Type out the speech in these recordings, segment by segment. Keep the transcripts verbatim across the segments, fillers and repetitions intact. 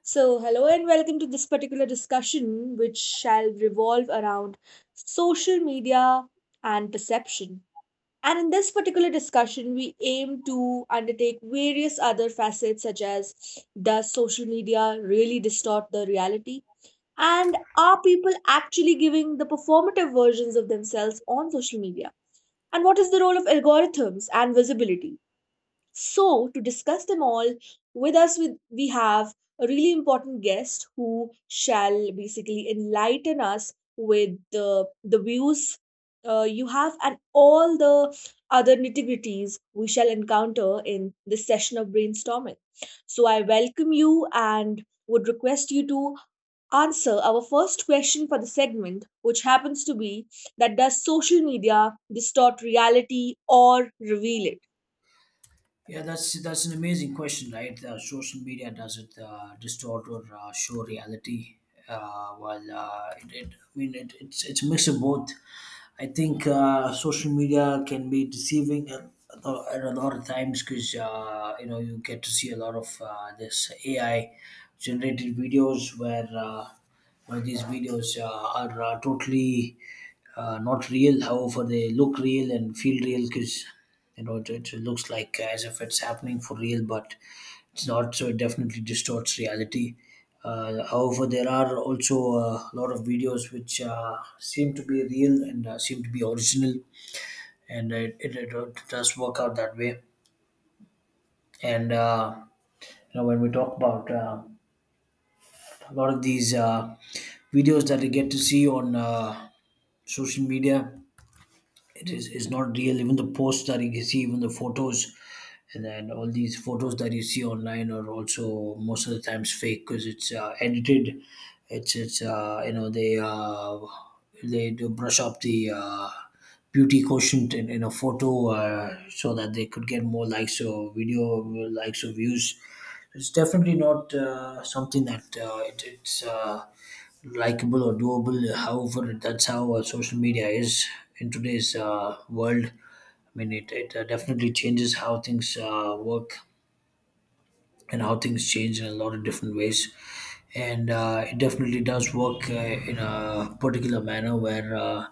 So, hello and welcome to this particular discussion, which shall revolve around social media and perception. And in this particular discussion, we aim to undertake various other facets, such as, does social media really distort the reality? And are people actually giving the performative versions of themselves on social media? And what is the role of algorithms and visibility? So, to discuss them all, with us with, we have a really important guest who shall basically enlighten us with the, the views uh, you have and all the other nitty-gritties we shall encounter in this session of brainstorming. So, I welcome you and would request you to answer our first question for the segment, which happens to be that, does social media distort reality or reveal it? Yeah, that's that's an amazing question, right? Uh, social media, does it uh, distort or uh, show reality? Uh, well, uh, it, it, I mean, it, it's it's a mix of both. I think uh, social media can be deceiving at, at a at a lot of times because uh, you know you get to see a lot of uh, this A I generated videos where uh, where these videos uh, are uh, totally uh, not real. However, they look real and feel real because you know, it, it looks like uh, as if it's happening for real, but it's not. So it definitely distorts reality. Uh, however, there are also uh, a lot of videos which uh, seem to be real and uh, seem to be original, and it, it, it does work out that way. And uh, you know, when we talk about uh, a lot of these uh, videos that we get to see on uh, social media, it is it's not real. Even the posts that you see, even the photos and then all these photos that you see online are also most of the times fake, because it's uh, edited. It's it's uh, you know they uh, They do brush up the uh, beauty quotient in, in a photo uh, so that they could get more likes or video likes or views. It's definitely not uh, something that uh, it, it's uh, likable or doable. However, that's how uh, social media is in today's uh, world. I mean, it, it uh, definitely changes how things uh, work and how things change in a lot of different ways. And uh, it definitely does work uh, in a particular manner where uh,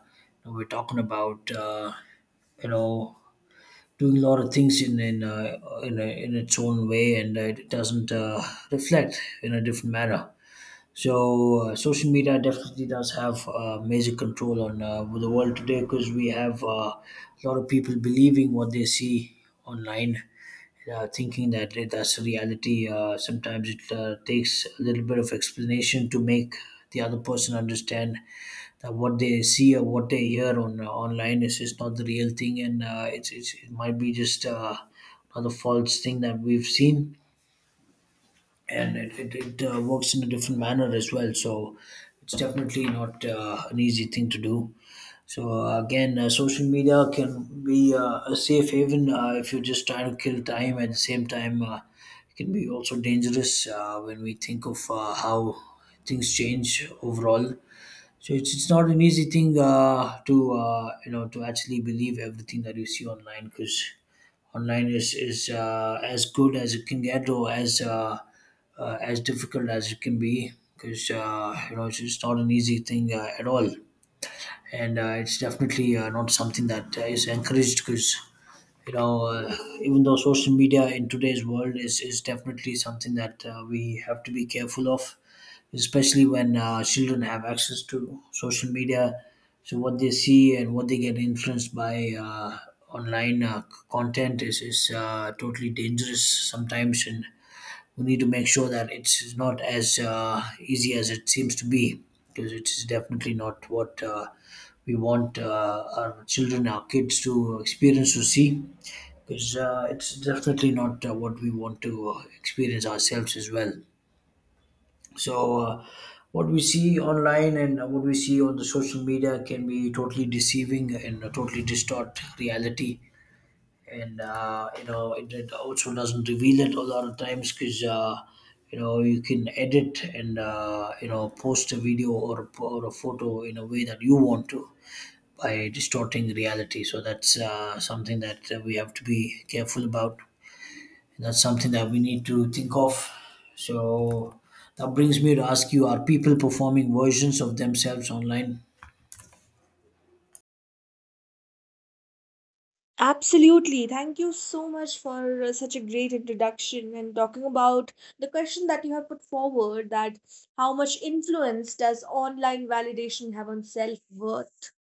we're talking about, uh, you know, doing a lot of things in in, uh, in, a, in its own way, and uh, it doesn't uh, reflect in a different manner. So uh, social media definitely does have uh, major control on uh, the world today, because we have uh, a lot of people believing what they see online, uh, thinking that it- that's a reality. Uh, sometimes it uh, takes a little bit of explanation to make the other person understand that what they see or what they hear on uh, online is just not the real thing, and uh, it's, it's it might be just uh, another false thing that we've seen, and it, it, it uh, works in a different manner as well. So it's definitely not uh, an easy thing to do. So uh, again, uh, social media can be uh, a safe haven uh, if you're just trying to kill time. At the same time, uh, it can be also dangerous uh, when we think of uh, how things change overall. So it's, it's not an easy thing uh, to uh, you know to actually believe everything that you see online, because online is is uh, as good as it can get or as uh, uh, as difficult as it can be, because uh, you know it's just not an easy thing uh, at all, and uh, it's definitely uh, not something that uh, is encouraged, because you know uh, even though social media in today's world is, is definitely something that uh, we have to be careful of, especially when uh, children have access to social media. So what they see and what they get influenced by uh, online uh, c- content is is uh, totally dangerous sometimes, and we need to make sure that it's not as uh, easy as it seems to be, because it is definitely not what uh, we want uh, our children, our kids to experience or see. Because uh, it's definitely not uh, what we want to uh, experience ourselves as well. So, uh, what we see online and what we see on the social media can be totally deceiving and totally distort reality. And uh, you know, it, it also doesn't reveal it a lot of times because uh, you know you can edit and uh, you know post a video or a, or a photo in a way that you want to, by distorting reality. So that's uh, something that uh, we have to be careful about. That's something that we need to think of. So that brings me to ask you: Are people performing versions of themselves online? Absolutely. Thank you so much for uh, such a great introduction and talking about the question that you have put forward, that how much influence does online validation have on self worth?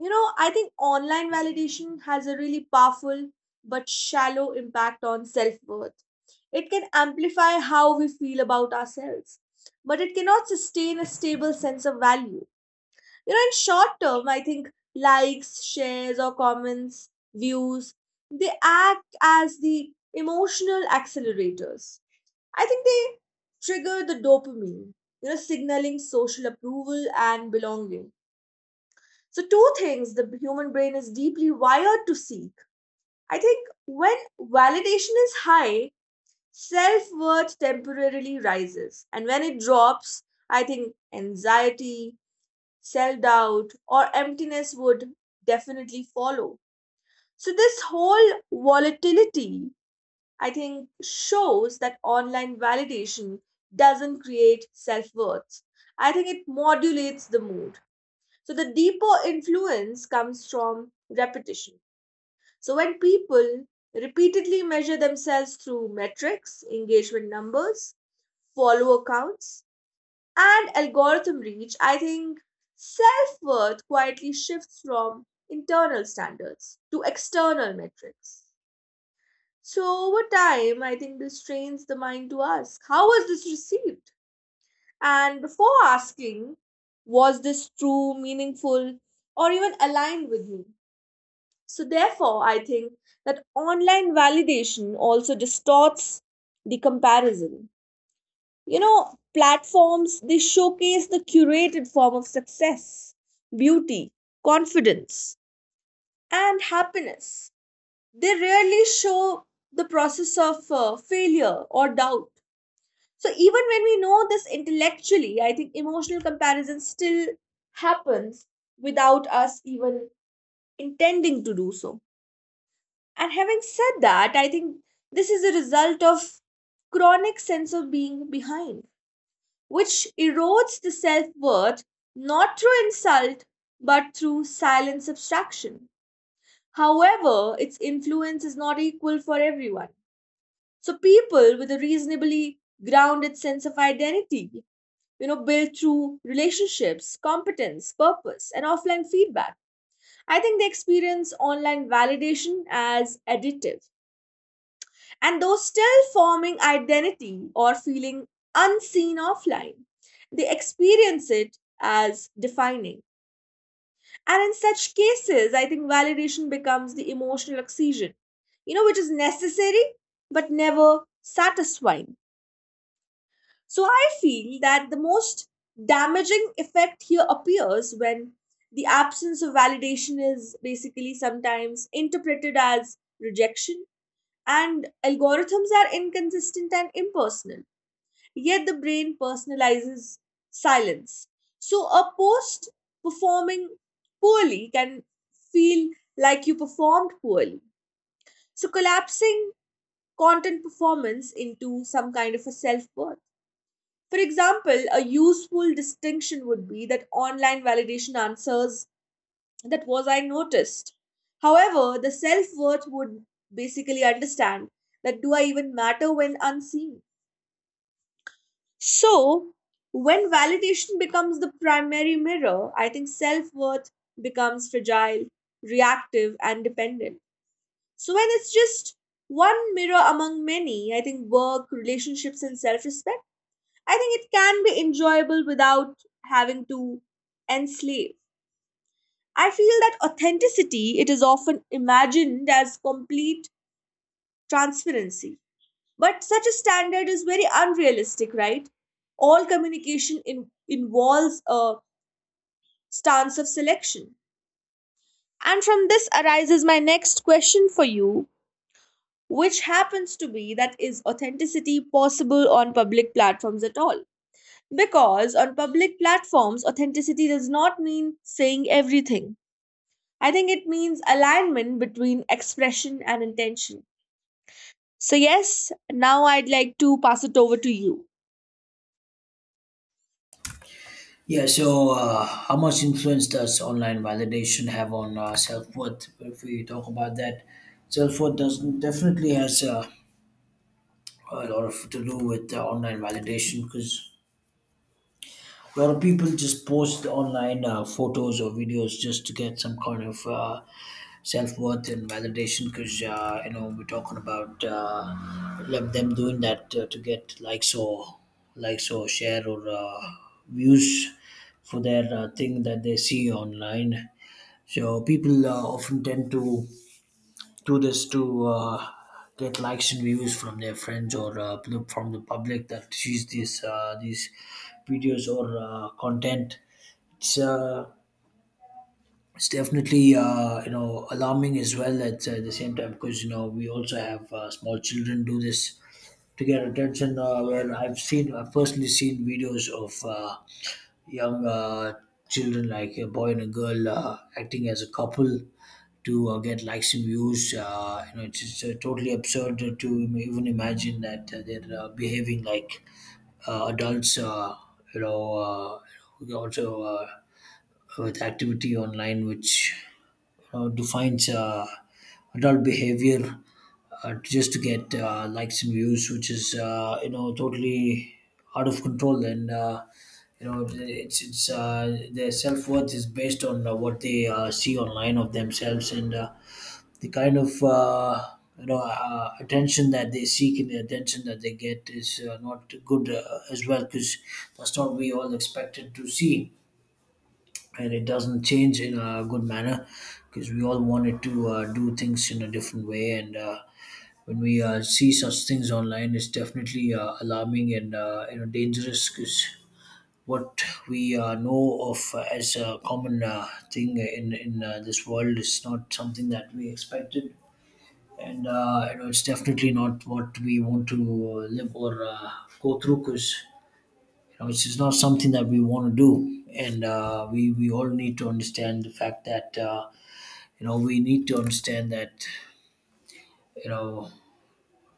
You know, I think online validation has a really powerful but shallow impact on self worth. It can amplify how we feel about ourselves, but it cannot sustain a stable sense of value. You know, in short term, I think likes, shares, or comments, views, they act as the emotional accelerators. I think they trigger the dopamine, you know, signaling social approval and belonging, so two things the human brain is deeply wired to seek. I think when validation is high, self-worth temporarily rises, and when it drops, I think anxiety, self doubt, or emptiness would definitely follow. So, this whole volatility, I think, shows that online validation doesn't create self worth. I think it modulates the mood. So, the deeper influence comes from repetition. So, when people repeatedly measure themselves through metrics, engagement numbers, follower counts, and algorithm reach, I think self worth quietly shifts from internal standards to external metrics. So, over time, I think this trains the mind to ask, how was this received? And before asking, was this true, meaningful, or even aligned with me? So, therefore, I think that online validation also distorts the comparison. You know, platforms, they showcase the curated form of success, beauty, confidence, and happiness. They rarely show the process of uh, failure or doubt. So even when we know this intellectually, I think emotional comparison still happens without us even intending to do so. And having said that, I think this is a result of chronic sense of being behind, which erodes the self worth, not through insult, but through silent subtraction. However, its influence is not equal for everyone. So, people with a reasonably grounded sense of identity, you know, built through relationships, competence, purpose, and offline feedback, I think they experience online validation as additive. And though still forming identity or feeling unseen offline, they experience it as defining. And in such cases, I think validation becomes the emotional oxygen, you know, which is necessary but never satisfying. So I feel that the most damaging effect here appears when the absence of validation is basically sometimes interpreted as rejection, and algorithms are inconsistent and impersonal, yet the brain personalizes silence. So a post performing poorly can feel like you performed poorly. So collapsing content performance into some kind of a self worth. For example, a useful distinction would be that online validation answers that, was I noticed? However, the self worth would basically understand that, do I even matter when unseen? So, when validation becomes the primary mirror, I think self worth becomes fragile, reactive, and dependent. So, when it's just one mirror among many, I think work, relationships, and self respect, I think it can be enjoyable without having to enslave. I feel that authenticity, it is often imagined as complete transparency. But such a standard is very unrealistic, right? All communication in, involves a stance of selection. And from this arises my next question for you, which happens to be that, is authenticity possible on public platforms at all? Because on public platforms, authenticity does not mean saying everything. I think it means alignment between expression and intention. So, yes, now I'd like to pass it over to you. Yeah. So uh, how much influence does online validation have on uh, self worth? If we talk about that, self worth does definitely has uh, a lot of to do with uh, online validation, because a lot of people just post online uh, photos or videos just to get some kind of uh, self worth and validation, because uh, you know we're talking about uh, like them doing that uh, to get likes or likes or share or uh, views for their uh, thing that they see online. So people uh, often tend to do this to uh, get likes and views from their friends or uh, pl- from the public that sees these uh, these videos or uh, content. It's uh, it's definitely uh, you know alarming as well at uh, the same time, because you know we also have uh, small children do this to get attention. Uh, where I've seen I've personally seen videos of uh, young uh, children, like a boy and a girl uh, acting as a couple to uh, get likes and views. Uh, you know, it's, it's uh, totally absurd to even imagine that uh, they're uh, behaving like uh, adults. Uh, you know, uh, we also uh, with activity online, which you know, defines uh, adult behavior uh, just to get uh, likes and views, which is uh, you know totally out of control. And. Uh, you know, it's it's uh, Their self worth is based on uh, what they uh, see online of themselves, and uh, the kind of uh, you know uh, attention that they seek, and the attention that they get is uh, not good uh, as well, because that's not what we all expected to see, and it doesn't change in a good manner because we all wanted to uh, do things in a different way. And uh, when we uh, see such things online, it's definitely uh, alarming and uh, you know dangerous, because what we uh, know of as a common uh, thing in in uh, this world is not something that we expected, and uh, you know it's definitely not what we want to uh, live or uh, go through, because you know it's just not something that we want to do. And uh, we we all need to understand the fact that uh, you know we need to understand that you know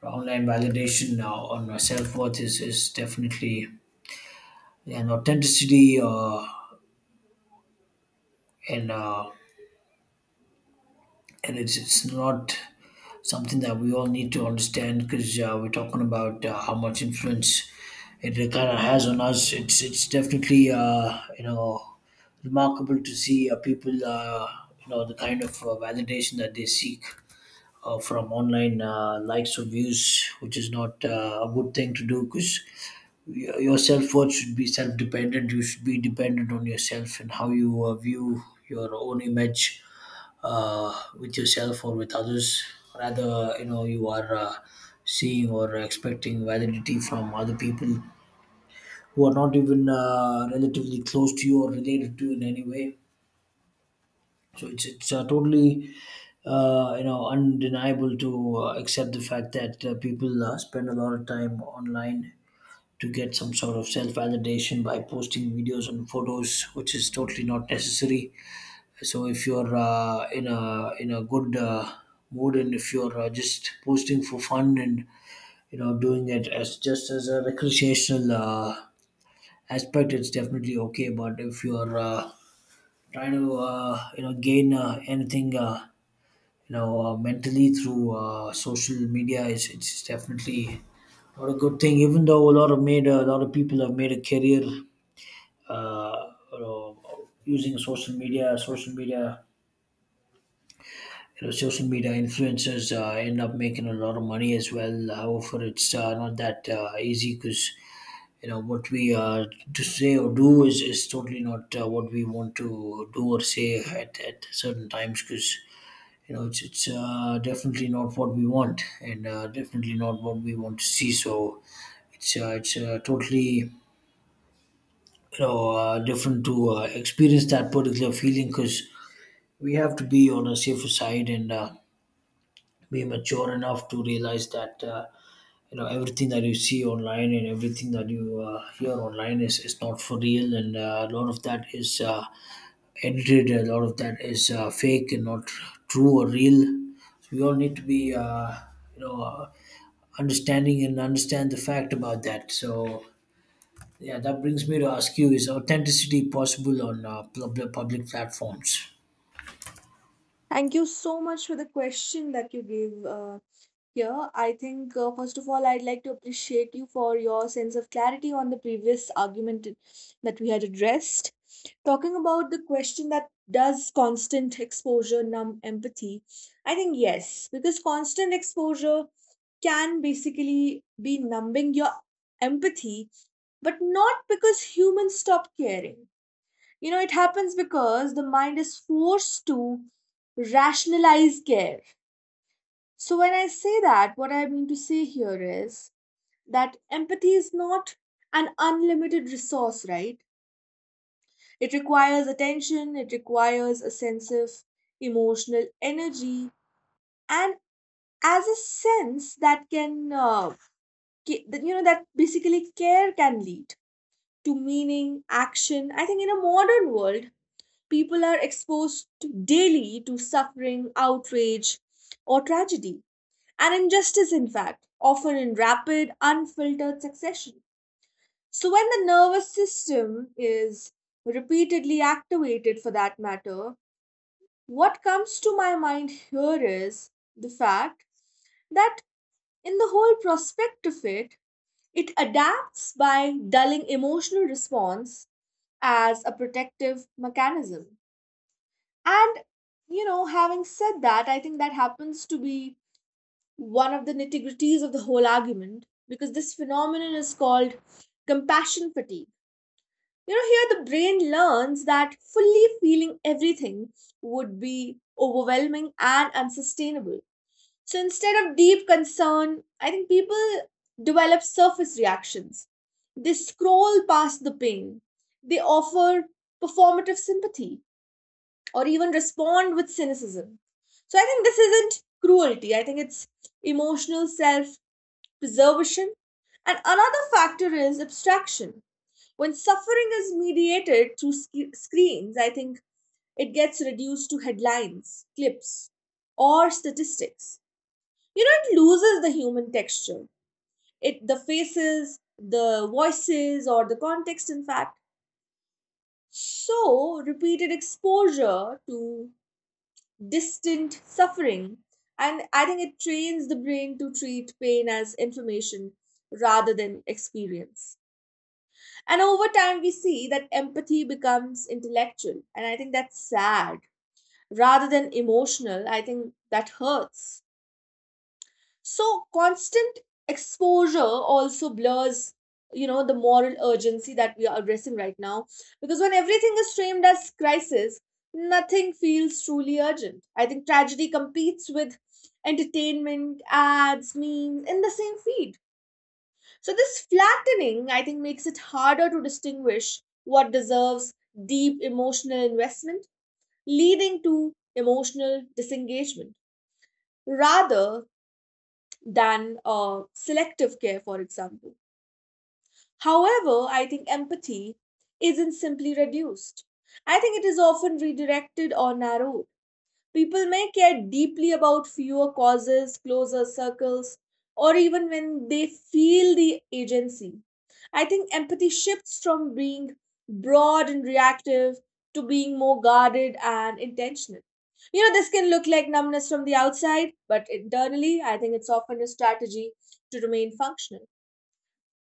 online validation uh, on our self-worth is, is definitely an authenticity, uh, and uh, and it's, it's not something that we all need to understand, because uh, we're talking about uh, how much influence it kind of has on us. It's it's definitely uh, you know remarkable to see uh, people uh, you know the kind of uh, validation that they seek uh, from online uh, likes or views, which is not uh, a good thing to do, because your self worth should be self dependent. You should be dependent on yourself and how you uh, view your own image uh, with yourself or with others. Rather, you know, you are uh, seeing or expecting validity from other people who are not even uh, relatively close to you or related to you in any way. So it's it's uh, totally uh, you know undeniable to uh, accept the fact that uh, people uh, spend a lot of time online to get some sort of self validation by posting videos and photos, which is totally not necessary. So if you're uh, in a in a good uh, mood, and if you're uh, just posting for fun and you know doing it as just as a recreational uh, aspect, it's definitely okay. But if you're uh, trying to uh, you know gain uh, anything uh, you know uh, mentally through uh, social media, it's, it's definitely not a good thing. Even though a lot of made a lot of people have made a career, uh, you know, using social media. Social media, you know social media influencers uh, end up making a lot of money as well. However, it's uh, not that uh, easy because you know what we uh, to say or do is, is totally not uh, what we want to do or say at, at certain times. Because you know it's, it's uh, definitely not what we want, and uh, definitely not what we want to see. So it's uh, it's uh, totally you know uh, different to uh, experience that particular feeling, because we have to be on a safer side and uh, be mature enough to realize that uh, you know everything that you see online and everything that you uh, hear online is, is not for real. And uh, a lot of that is uh, edited, a lot of that is uh, fake and not true or real. So we all need to be uh, you know uh, understanding and understand the fact about that. So yeah, that brings me to ask you: is authenticity possible on uh, pub- public platforms? Thank you so much for the question that you gave uh, here. I think, uh, first of all, I'd like to appreciate you for your sense of clarity on the previous argument that we had addressed. Talking about the question that, does constant exposure numb empathy, I think yes, because constant exposure can basically be numbing your empathy, but not because humans stop caring. You know, it happens because the mind is forced to rationalize care. So, when I say that, what I mean to say here is that empathy is not an unlimited resource, right? It requires attention, it requires a sense of emotional energy, and as a sense that can, uh, ca- that, you know, that basically care can lead to meaning, action. I think in a modern world, people are exposed daily to suffering, outrage, or tragedy, and injustice, in fact, often in rapid, unfiltered succession. So, when the nervous system is repeatedly activated, for that matter, what comes to my mind here is the fact that in the whole prospect of it, it adapts by dulling emotional response as a protective mechanism. And, you know, having said that, I think that happens to be one of the nitty gritties of the whole argument, because this phenomenon is called compassion fatigue. You know, here the brain learns that fully feeling everything would be overwhelming and unsustainable. So instead of deep concern, I think people develop surface reactions. They scroll past the pain, they offer performative sympathy, or even respond with cynicism. So I think this isn't cruelty, I think it's emotional self preservation. And another factor is abstraction. When suffering is mediated through sc- screens, I think it gets reduced to headlines, clips, or statistics. You know, it loses the human texture. It the faces, the voices, or the context, in fact. So repeated exposure to distant suffering. And I think it trains the brain to treat pain as information rather than experience. And over time, we see that empathy becomes intellectual. And I think that's sad rather than emotional. I think that hurts. So constant exposure also blurs, you know, the moral urgency that we are addressing right now. Because when everything is framed as crisis, nothing feels truly urgent. I think tragedy competes with entertainment, ads, memes in the same feed. So this flattening, I think, makes it harder to distinguish what deserves deep emotional investment, leading to emotional disengagement. Rather than uh, selective care, for example. However, I think empathy isn't simply reduced. I think it is often redirected or narrowed. People may care deeply about fewer causes, closer circles, or even when they feel the agency. I think empathy shifts from being broad and reactive to being more guarded and intentional. You know, this can look like numbness from the outside, but internally, I think it's often a strategy to remain functional.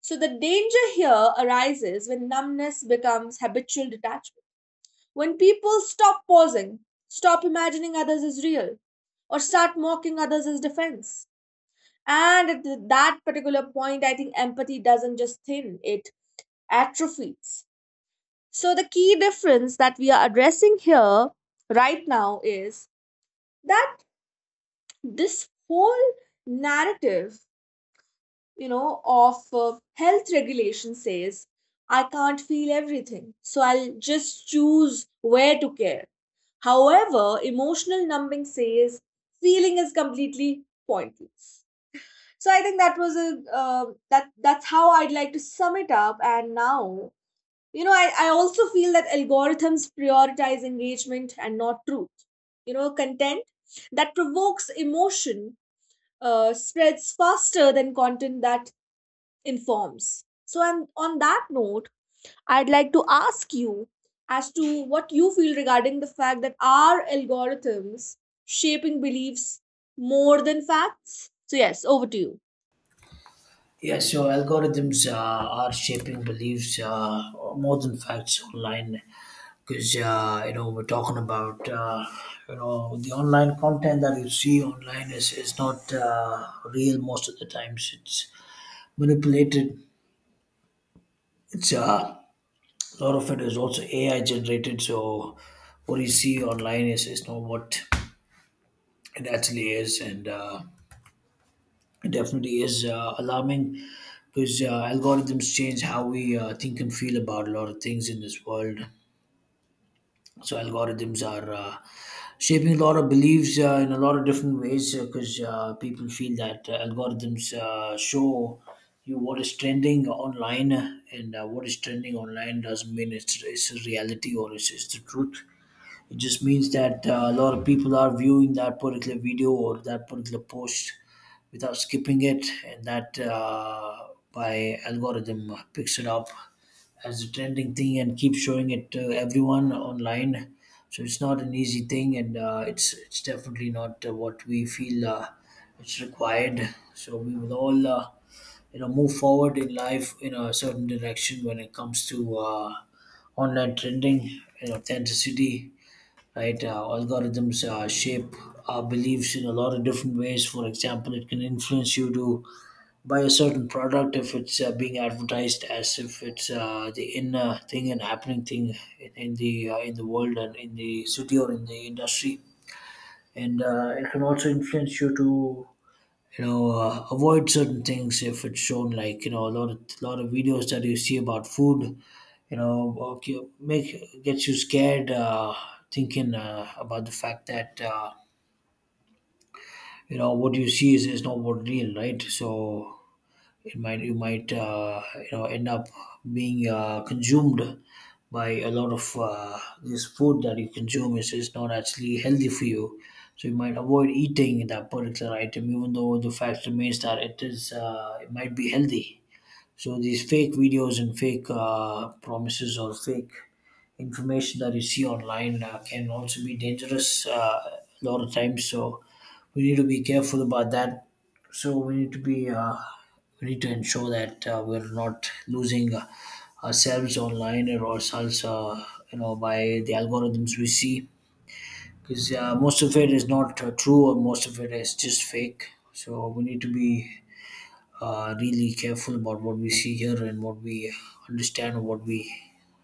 So, the danger here arises when numbness becomes habitual detachment, when people stop pausing, stop imagining others as real, or start mocking others as defense. And at th- that particular point, I think empathy doesn't just thin, it atrophies. So, the key difference that we are addressing here right now is that this whole narrative, you know, of uh, health regulation says, I can't feel everything, so I'll just choose where to care. However, emotional numbing says feeling is completely pointless. So I think that was a uh, that that's how I'd like to sum it up. And now, you know, I, I also feel that algorithms prioritize engagement and not truth. You know, content that provokes emotion uh, spreads faster than content that informs. So, and on that note, I'd like to ask you as to what you feel regarding the fact that, are algorithms shaping beliefs more than facts? So, yes, over to you. Yeah, so algorithms uh, are shaping beliefs uh, more than facts online, because uh, you know, we're talking about, uh, you know, the online content that you see online is, is not uh, real most of the times. It's manipulated. It's uh, A lot of it is also A I generated. So what you see online is, is not what it actually is. And uh, it definitely is uh, alarming, because uh, algorithms change how we uh, think and feel about a lot of things in this world. So algorithms are uh, shaping a lot of beliefs uh, in a lot of different ways, because uh, 'cause, uh, people feel that uh, algorithms uh, show you what is trending online. And uh, what is trending online doesn't mean it's, it's a reality or it's, it's the truth. It just means that uh, a lot of people are viewing that particular video or that particular post without skipping it, and that uh, by algorithm picks it up as a trending thing and keeps showing it to everyone online. So it's not an easy thing, and uh, it's it's definitely not uh, what we feel uh, it's required. So we will all uh, you know move forward in life in a certain direction when it comes to uh, online trending, you know, authenticity, right? Uh, algorithms uh, shape our beliefs in a lot of different ways. For example, it can influence you to buy a certain product if it's uh, being advertised as if it's uh, the inner thing and happening thing in, in the uh, in the world and in the city or in the industry. And uh, it can also influence you to you know uh, avoid certain things if it's shown, like you know, a lot of lot of videos that you see about food. You know, okay, make gets you scared uh, thinking uh, about the fact that uh, you know what you see is, is not what real, right? So it might, you might uh, you know end up being uh, consumed by a lot of uh, this food that you consume is, is not actually healthy for you. So you might avoid eating that particular item, even though the fact remains that it is uh, it might be healthy. So these fake videos and fake uh, promises or fake information that you see online uh, can also be dangerous uh, a lot of times. So we need to be careful about that. So we need to be uh, we need to ensure that uh, we're not losing uh, ourselves online or ourselves, uh, you know, by the algorithms we see. Because uh, most of it is not uh, true, or most of it is just fake. So we need to be uh, really careful about what we see here and what we understand, or what we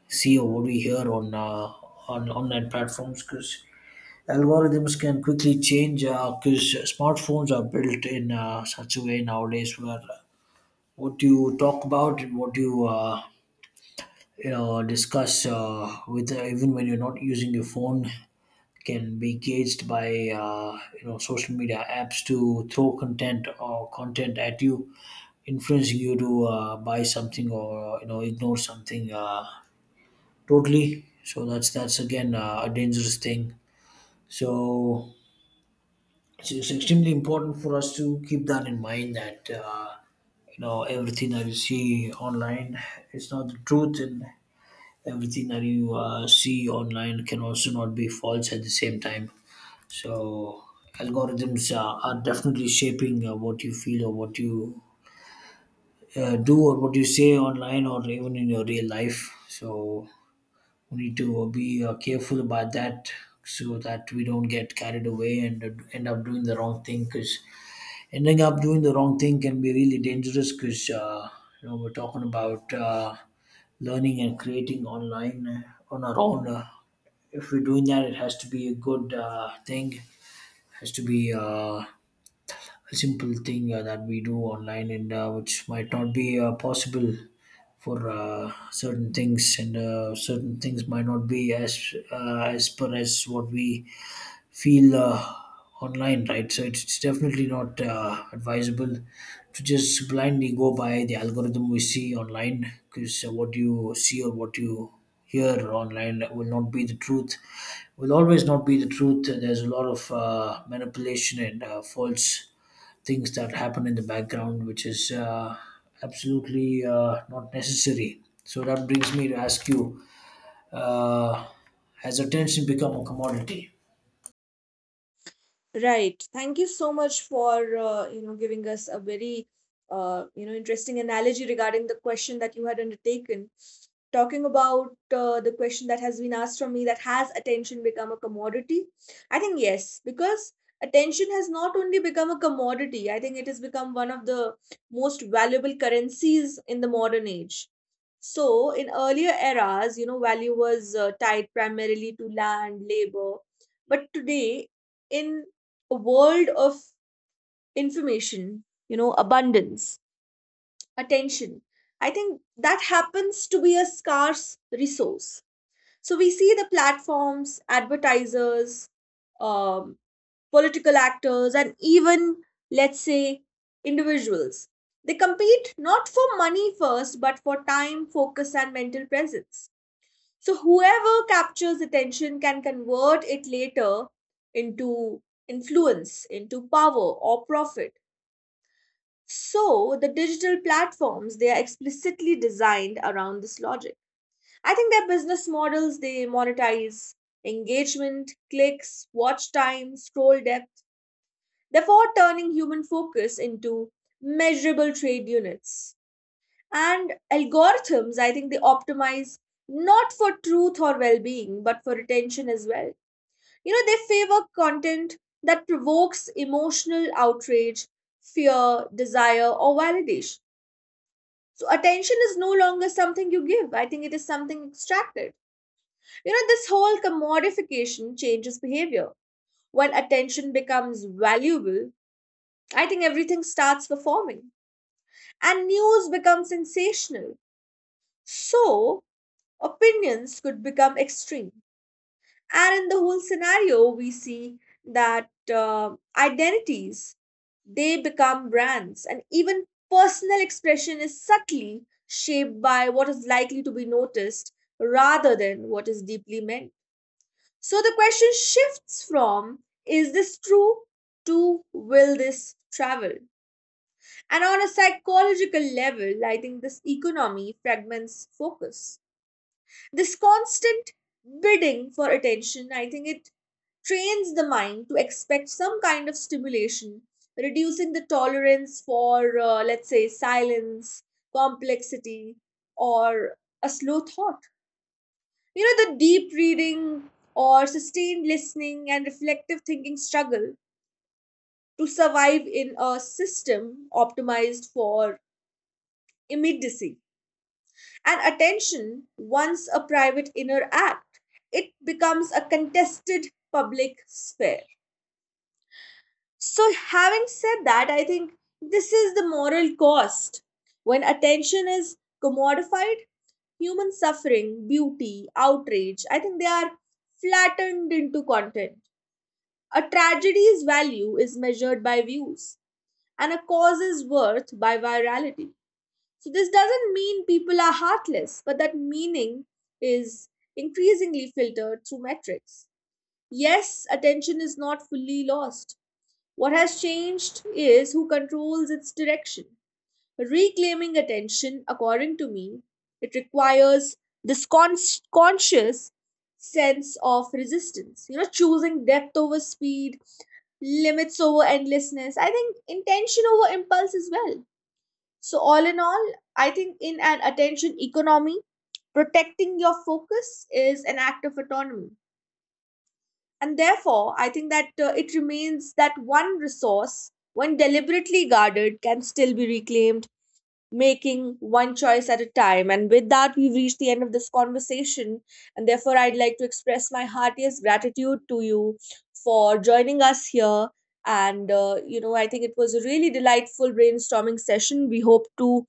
see, or what we hear on uh, on online platforms, because algorithms can quickly change, because smartphones are built in uh, such a way nowadays where what you talk about and what you uh, you know discuss uh, with uh, even when you're not using your phone can be gauged by uh, you know social media apps to throw content or content at you, influencing you to uh, buy something or you know ignore something uh, totally. So that's that's again uh, a dangerous thing. So it's, it's extremely important for us to keep that in mind, that uh, you know everything that you see online is not the truth, and everything that you uh, see online can also not be false at the same time. So algorithms uh, are definitely shaping uh, what you feel or what you uh, do or what you say online or even in your real life. So we need to be uh, careful about that, so that we don't get carried away and uh, end up doing the wrong thing, because ending up doing the wrong thing can be really dangerous. Because uh, you know we're talking about uh, learning and creating online uh, on our own. Uh, if we're doing that, it has to be a good uh, thing, has to be uh, a simple thing uh, that we do online. And uh, which might not be uh, possible for uh, certain things, and uh, certain things might not be as uh, as per as what we feel uh, online, right? So it's it's definitely not uh, advisable to just blindly go by the algorithm we see online, because uh, what you see or what you hear online will not be the truth, will always not be the truth. There's a lot of uh, manipulation and uh, false things that happen in the background, which is uh, absolutely uh, not necessary. So that brings me to ask you: uh, has attention become a commodity? Right. Thank you so much for uh, you know giving us a very uh, you know interesting analogy regarding the question that you had undertaken. Talking about uh, the question that has been asked from me, that has attention become a commodity? I think yes, because attention has not only become a commodity, I think it has become one of the most valuable currencies in the modern age. So, in earlier eras, you know, value was uh, tied primarily to land, labor, but today, in a world of information, you know, abundance, attention. I think that happens to be a scarce resource. So we see the platforms, advertisers, um, political actors, and even, let's say, individuals. They compete not for money first, but for time, focus, and mental presence. So whoever captures attention can convert it later into influence, into power or profit. So the digital platforms, they are explicitly designed around this logic. I think their business models, they monetize engagement, clicks, watch time, scroll depth, therefore turning human focus into measurable trade units. And algorithms, I think they optimize not for truth or well being, but for attention as well. You know, they favor content that provokes emotional outrage, fear, desire, or validation. So attention is no longer something you give. I think it is something extracted. You know, this whole commodification changes behavior. When attention becomes valuable, I think everything starts performing and news becomes sensational. So opinions could become extreme. And in the whole scenario we see that, uh, identities, they become brands, and even personal expression is subtly shaped by what is likely to be noticed rather than what is deeply meant. So the question shifts from, is this true, to, will this travel? And on a psychological level, I think this economy fragments focus. This constant bidding for attention, I think it trains the mind to expect some kind of stimulation, reducing the tolerance for, uh, let's say, silence, complexity, or a slow thought. You know, the deep reading or sustained listening and reflective thinking struggle to survive in a system optimized for immediacy. And attention, once a private inner act, it becomes a contested public sphere. So, having said that, I think this is the moral cost. When attention is commodified, human suffering, beauty, outrage, I think they are flattened into content. A tragedy's value is measured by views, and a cause's worth by virality. So, this doesn't mean people are heartless, but that meaning is increasingly filtered through metrics. Yes, attention is not fully lost. What has changed is who controls its direction. Reclaiming attention, according to me, it requires this con- conscious sense of resistance. You know, choosing depth over speed, limits over endlessness. I think intention over impulse as well. So, all in all, I think in an attention economy, protecting your focus is an act of autonomy, and therefore, I think that uh, it remains that one resource, when deliberately guarded, can still be reclaimed, making one choice at a time. And with that, we've reached the end of this conversation. And therefore, I'd like to express my heartiest gratitude to you for joining us here. And, uh, you know, I think it was a really delightful brainstorming session. We hope to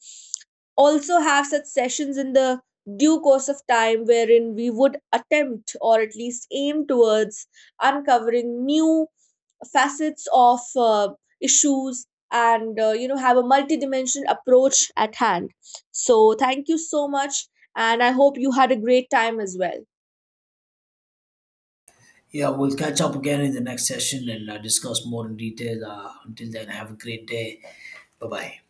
also have such sessions in the due course of time wherein we would attempt, or at least aim towards, uncovering new facets of uh, issues, and uh, you know, have a multidimensional approach at hand. So thank you so much, and I hope you had a great time as well. Yeah, we'll catch up again in the next session and uh, discuss more in detail. Uh, until then, have a great day. Bye bye.